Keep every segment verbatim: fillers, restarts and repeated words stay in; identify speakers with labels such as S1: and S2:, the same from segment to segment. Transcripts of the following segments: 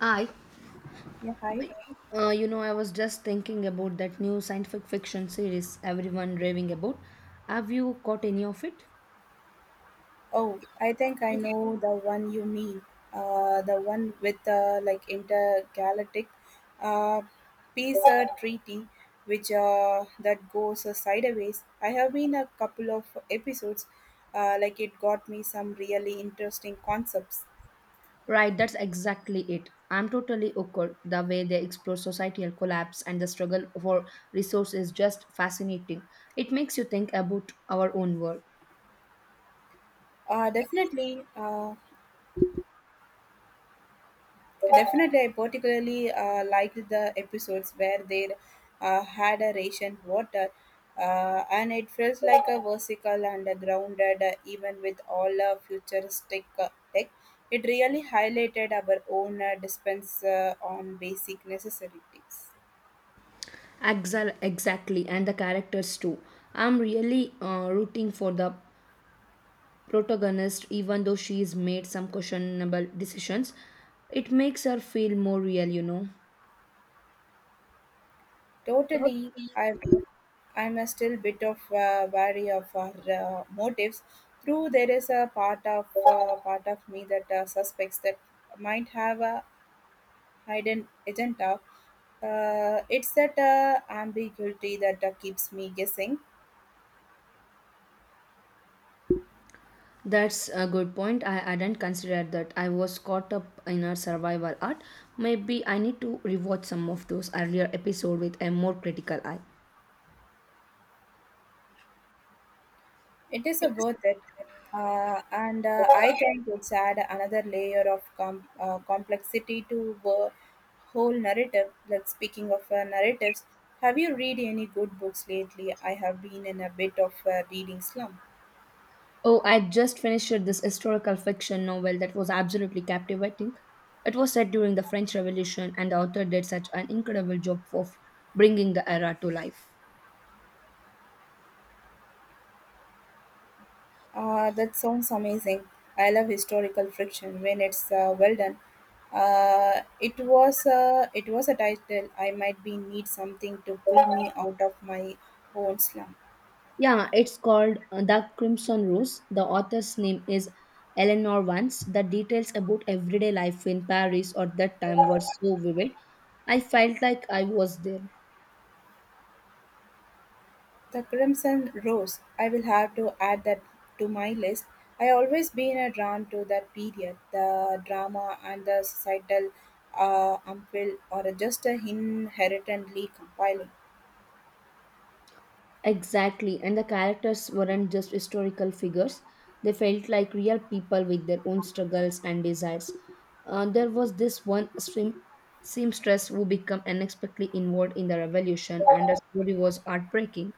S1: I,
S2: Yeah, hi.
S1: uh, you know, I was just thinking about that new scientific fiction series everyone raving about. Have you caught any of it?
S2: Oh, I think I know the one you mean. Uh, the one with the like intergalactic uh, peace uh, treaty, which uh, that goes uh, sideways. I have been a couple of episodes. Uh, like it got me some really interesting concepts.
S1: Right, that's exactly it. I'm totally okay. The way they explore societal collapse and the struggle for resource is just fascinating. It makes you think about our own world.
S2: Uh, definitely. Uh, Definitely, I particularly uh, liked the episodes where they uh, had a ration water, uh, and it felt like a vertical and a grounded, uh, even with all uh, futuristic uh, tech. It really highlighted our own uh, dispense uh, on basic necessities.
S1: Exa- Exactly, and the characters too. I'm really uh, rooting for the protagonist, even though she's made some questionable decisions, it makes her feel more real, you know.
S2: Totally, I I'm a still bit of uh, wary of our uh, motives. True, there is a part of uh, part of me that uh, suspects that might have a hidden agenda. Uh, it's that uh, ambiguity that uh, keeps me guessing.
S1: That's a good point. I hadn't considered that. I was caught up in her survival art. Maybe I need to rewatch some of those earlier episodes with a more critical eye.
S2: It is uh, worth it. Uh, and uh, I think it's add another layer of com- uh, complexity to the whole narrative. Like speaking of uh, narratives, have you read any good books lately? I have been in a bit of a reading slump.
S1: Oh, I just finished this historical fiction novel that was absolutely captivating. It was set during the French Revolution, and the author did such an incredible job of bringing the era to life.
S2: Uh, that sounds amazing. I love historical friction when it's uh, well done. Uh, it was uh, it was a title. I might be need something to pull me out of my own slump.
S1: Yeah, it's called uh, The Crimson Rose. The author's name is Eleanor Vance. The details about everyday life in Paris at that time were so vivid. I felt like I was there.
S2: The Crimson Rose. I will have to add that to my list. I always been uh, drawn to that period, the drama and the societal uh, upheaval, or just a inherently compiling.
S1: Exactly, and the characters weren't just historical figures, they felt like real people with their own struggles and desires. Uh, there was this one seam- seamstress who became unexpectedly involved in the revolution, and her story was heartbreaking.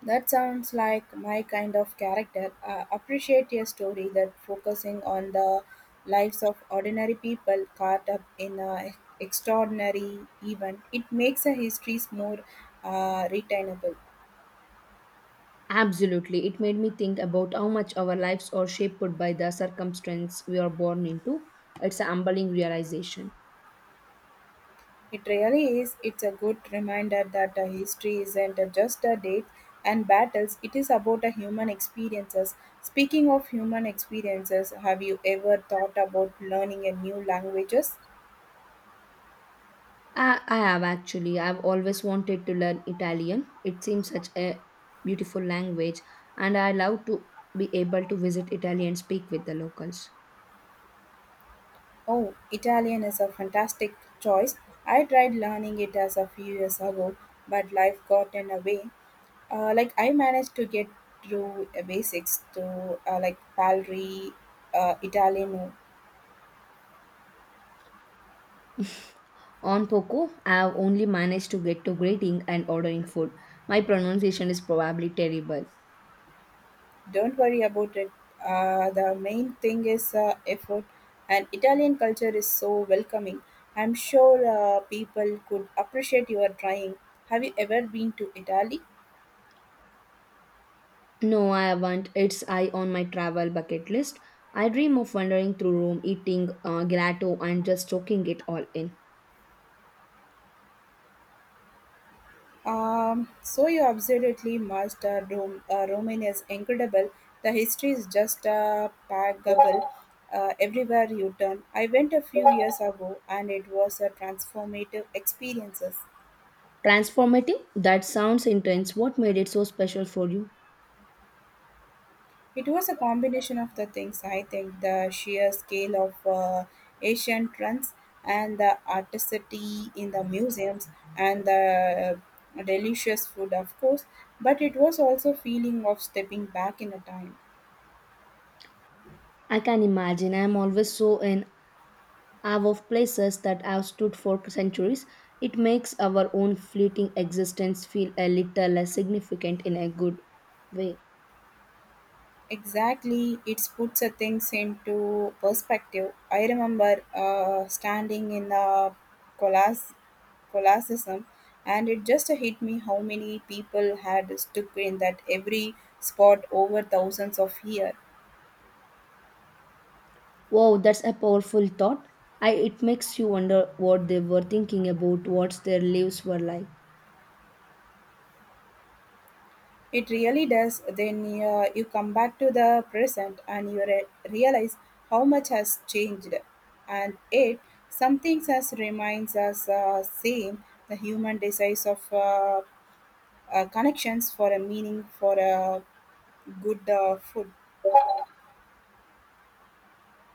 S2: That sounds like my kind of character. I appreciate a story that focusing on the lives of ordinary people caught up in an extraordinary event. It makes the histories more uh, retainable.
S1: Absolutely. It made me think about how much our lives are shaped by the circumstance we are born into. It's a humbling realization.
S2: It really is. It's a good reminder that a history isn't just a date and battles. It is about a human experiences. Speaking of human experiences, have you ever thought about learning a new languages?
S1: I, I have actually. I've always wanted to learn Italian. It seems such a beautiful language, and I love to be able to visit Italy and speak with the locals.
S2: Oh, Italian is a fantastic choice. I tried learning it as a few years ago, but life got in the way. Uh, like I managed to get through uh, basics to uh, like Palri, uh, Italiano.
S1: On Poco, I have only managed to get to greeting and ordering food. My pronunciation is probably terrible.
S2: Don't worry about it. Uh, the main thing is uh, effort, and Italian culture is so welcoming. I'm sure uh, people could appreciate your trying. Have you ever been to Italy?
S1: No, I haven't. It's I on my travel bucket list. I dream of wandering through Rome, eating uh, gelato, and just soaking it all in.
S2: Um, so you absolutely must. Uh, Rome, uh, Roman is incredible. The history is just uh, packable uh, everywhere you turn. I went a few years ago, and it was a transformative experiences.
S1: Transformative? That sounds intense. What made it so special for you?
S2: It was a combination of the things. I think the sheer scale of uh, Asian trends and the artistry in the museums and the delicious food, of course. But it was also feeling of stepping back in a time.
S1: I can imagine. I am always so in awe of places that have stood for centuries. It makes our own fleeting existence feel a little less significant in a good way.
S2: Exactly, it puts a things into perspective. I remember uh, standing in the Colas- Colosseum, and it just hit me how many people had stuck in that every spot over thousands of years.
S1: Wow, that's a powerful thought. I, it makes you wonder what they were thinking about, what their lives were like.
S2: It really does. Then uh, you come back to the present and you re- realize how much has changed, and it some things as reminds us uh, same the human desires of. Uh, uh, connections for a meaning for a good uh, food.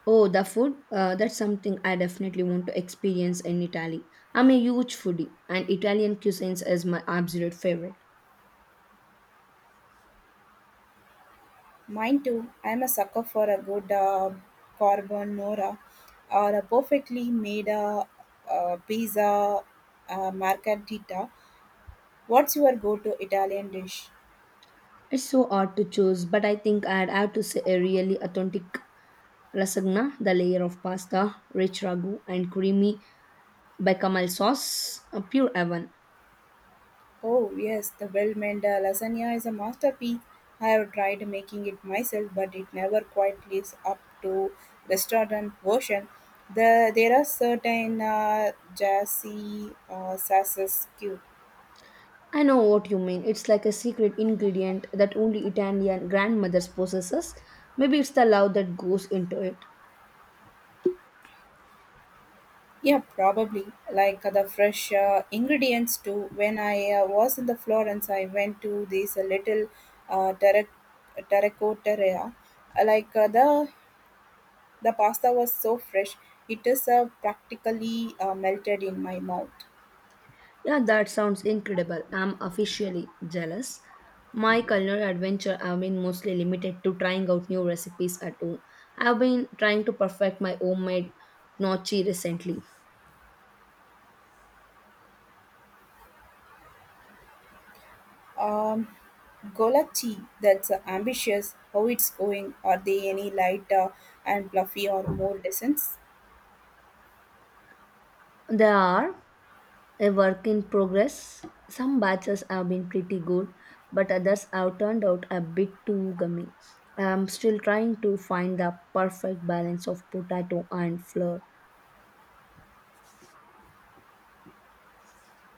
S1: Oh, the food? Uh, that's something I definitely want to experience in Italy. I'm a huge foodie, and Italian cuisines is my absolute favorite.
S2: Mine too. I'm a sucker for a good uh, carbonara or a perfectly made uh, uh, pizza uh, margherita. What's your go-to Italian dish?
S1: It's so hard to choose, but I think I'd have to say a really authentic lasagna, the layer of pasta, rich ragu, and creamy bechamel sauce, a pure heaven.
S2: Oh, yes, the well made uh, lasagna is a masterpiece. I have tried making it myself, but it never quite lives up to restaurant version. The, there are certain uh, jazzy uh, sauces too.
S1: I know what you mean. It's like a secret ingredient that only Italian grandmothers possesses. Maybe it's the love that goes into it.
S2: Yeah, probably like uh, the fresh uh, ingredients too. When I uh, was in the Florence, I went to this uh, little uh, terra- terracotta area, like uh, the The pasta was so fresh; it is uh, practically uh, melted in my mouth.
S1: Yeah, that sounds incredible. I'm officially jealous. My culinary adventure have been mostly limited to trying out new recipes at home. I've been trying to perfect my homemade gnocchi recently.
S2: Um, Golachi, that's uh, ambitious. How it's going? Are they any lighter and fluffy or more dense?
S1: They are a work in progress. Some batches have been pretty good, but others have turned out a bit too gummy. I'm still trying to find the perfect balance of potato and flour.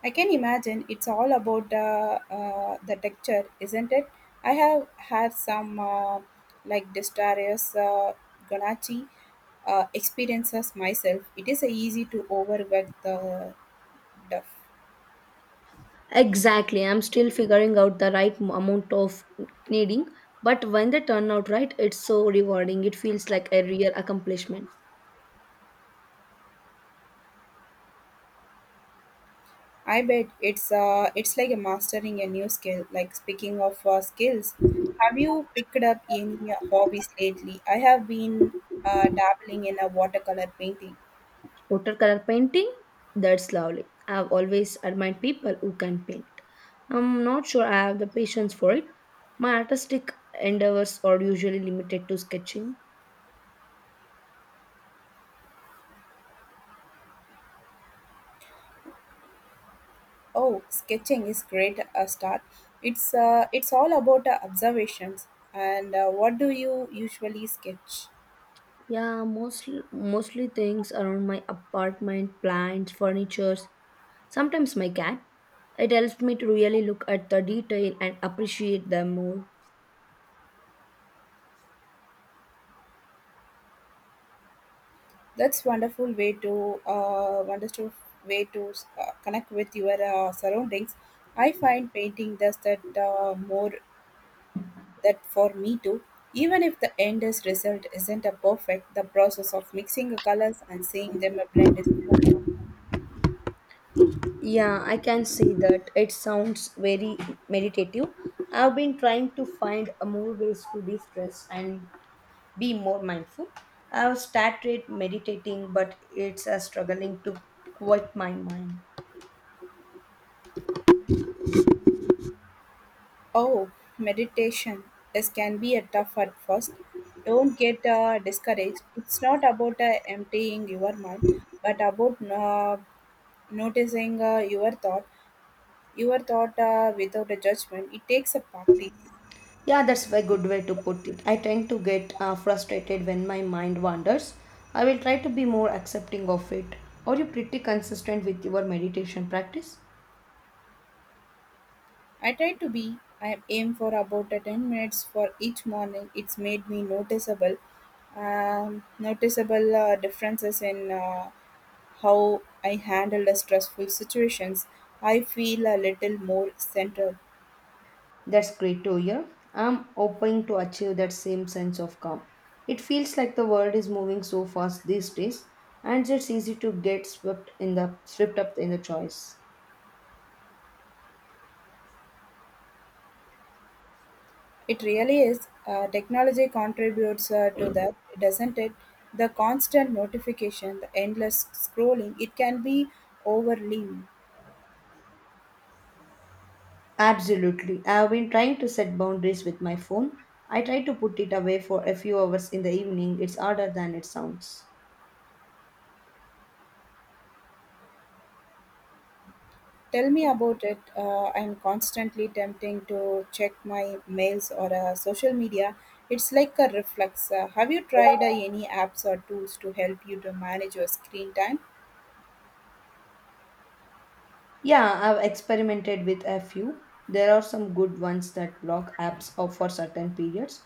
S2: I can imagine it's all about uh, uh, the texture, isn't it? I have had some uh, like Destarius uh, Ganachi uh, experiences myself. It is uh, easy to overwork the duff.
S1: Exactly. I'm still figuring out the right m- amount of kneading, but when they turn out right, it's so rewarding. It feels like a real accomplishment.
S2: I bet it's uh, it's like a mastering a new skill. Like speaking of uh, skills, have you picked up any uh, hobbies lately? I have been uh, dabbling in a watercolor painting.
S1: Watercolor painting, that's lovely. I've always admired people who can paint. I'm not sure I have the patience for it. My artistic endeavors are usually limited to sketching.
S2: Oh, sketching is great a start. It's uh, it's all about uh, observations. And uh, what do you usually sketch?
S1: Yeah, mostly mostly things around my apartment, plants, furnitures, sometimes my cat. It helps me to really look at the detail and appreciate them more.
S2: That's wonderful way to uh, wonderful way to uh, connect with your uh, surroundings. I find painting does that uh, more that for me too, even if the end is result isn't a perfect, the process of mixing the colors and seeing them blend is
S1: Yeah, I can see that. It sounds very meditative. I've been trying to find a more ways to de-stress and be more mindful. I've started meditating, but it's a struggling to quiet my mind.
S2: oh meditation is can be a tough at first. Don't get uh, discouraged. It's not about uh, emptying your mind, but about uh, noticing uh, your thought, your thought uh, without a judgment. It takes a practice.
S1: Yeah, that's a good way to put it. I tend to get uh, frustrated when my mind wanders. I will try to be more accepting of it. Are you pretty consistent with your meditation practice?
S2: I try to be. I aim for about a ten minutes for each morning. It's made me noticeable, um, noticeable uh, differences in uh, how I handle the stressful situations. I feel a little more centered.
S1: That's great to hear. I'm hoping to achieve that same sense of calm. It feels like the world is moving so fast these days, and it's easy to get swept in the swept up in the choice.
S2: It really is. Uh, technology contributes uh, to that, doesn't it? The constant notification, the endless scrolling, it can be overwhelming.
S1: Absolutely. I have been trying to set boundaries with my phone. I try to put it away for a few hours in the evening. It's harder than it sounds.
S2: Tell me about it. Uh, I'm constantly tempting to check my mails or uh, social media. It's like a reflex. Uh, have you tried uh, any apps or tools to help you to manage your screen time?
S1: Yeah, I've experimented with a few. There are some good ones that block apps out for certain periods.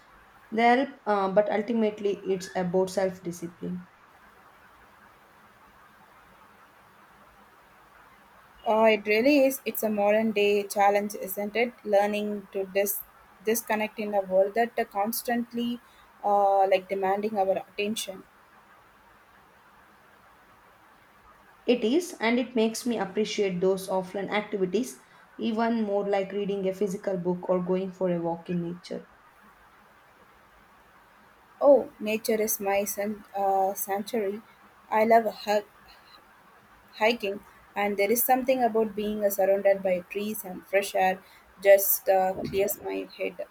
S1: They help, uh, but ultimately it's about self discipline.
S2: Uh, it really is. It's a modern day challenge, isn't it? Learning to dis- disconnect in a world that uh, constantly uh, like demanding our attention.
S1: It is, and it makes me appreciate those offline activities even more like reading a physical book or going for a walk in nature.
S2: Oh, nature is my san- uh, sanctuary. I love hiking, and there is something about being uh, surrounded by trees and fresh air just uh, clears my head.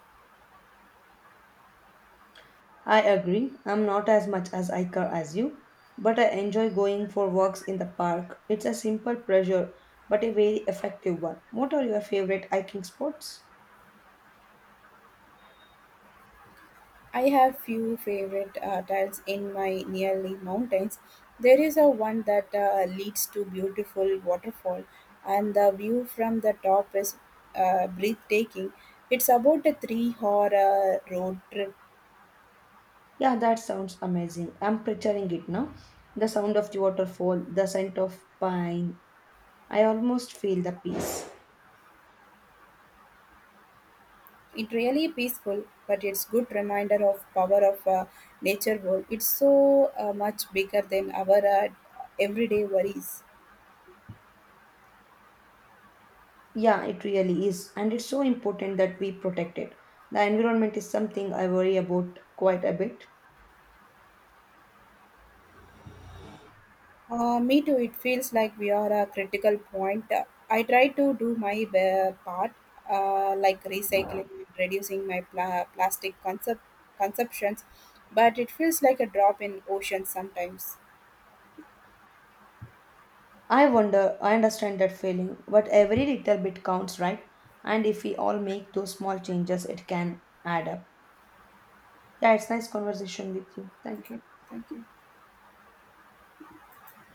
S1: I agree, I'm not as much as Iker as you, but I enjoy going for walks in the park. It's a simple pleasure, but a very effective one. What are your favorite hiking spots?
S2: I have few favorite uh, trails in my nearly mountains. There is a one that uh, leads to beautiful waterfall, and the view from the top is uh, breathtaking. It's about a three hour uh, road trip.
S1: Yeah, that sounds amazing. I'm picturing it now. The sound of the waterfall, the scent of pine. I almost feel the peace.
S2: It really peaceful, but it's good reminder of power of uh, nature world. It's so uh, much bigger than our uh, everyday worries.
S1: Yeah, it really is. And it's so important that we protect it. The environment is something I worry about quite a bit.
S2: Uh, me too. It feels like we are a critical point. Uh, I try to do my uh, part, uh, like recycling and reducing my pla- plastic concept consumptions, but it feels like a drop in ocean sometimes.
S1: I wonder, I understand that feeling, but every little bit counts, right? And if we all make those small changes, it can add up. Yeah, it's nice conversation with you. Thank you.
S2: Thank you.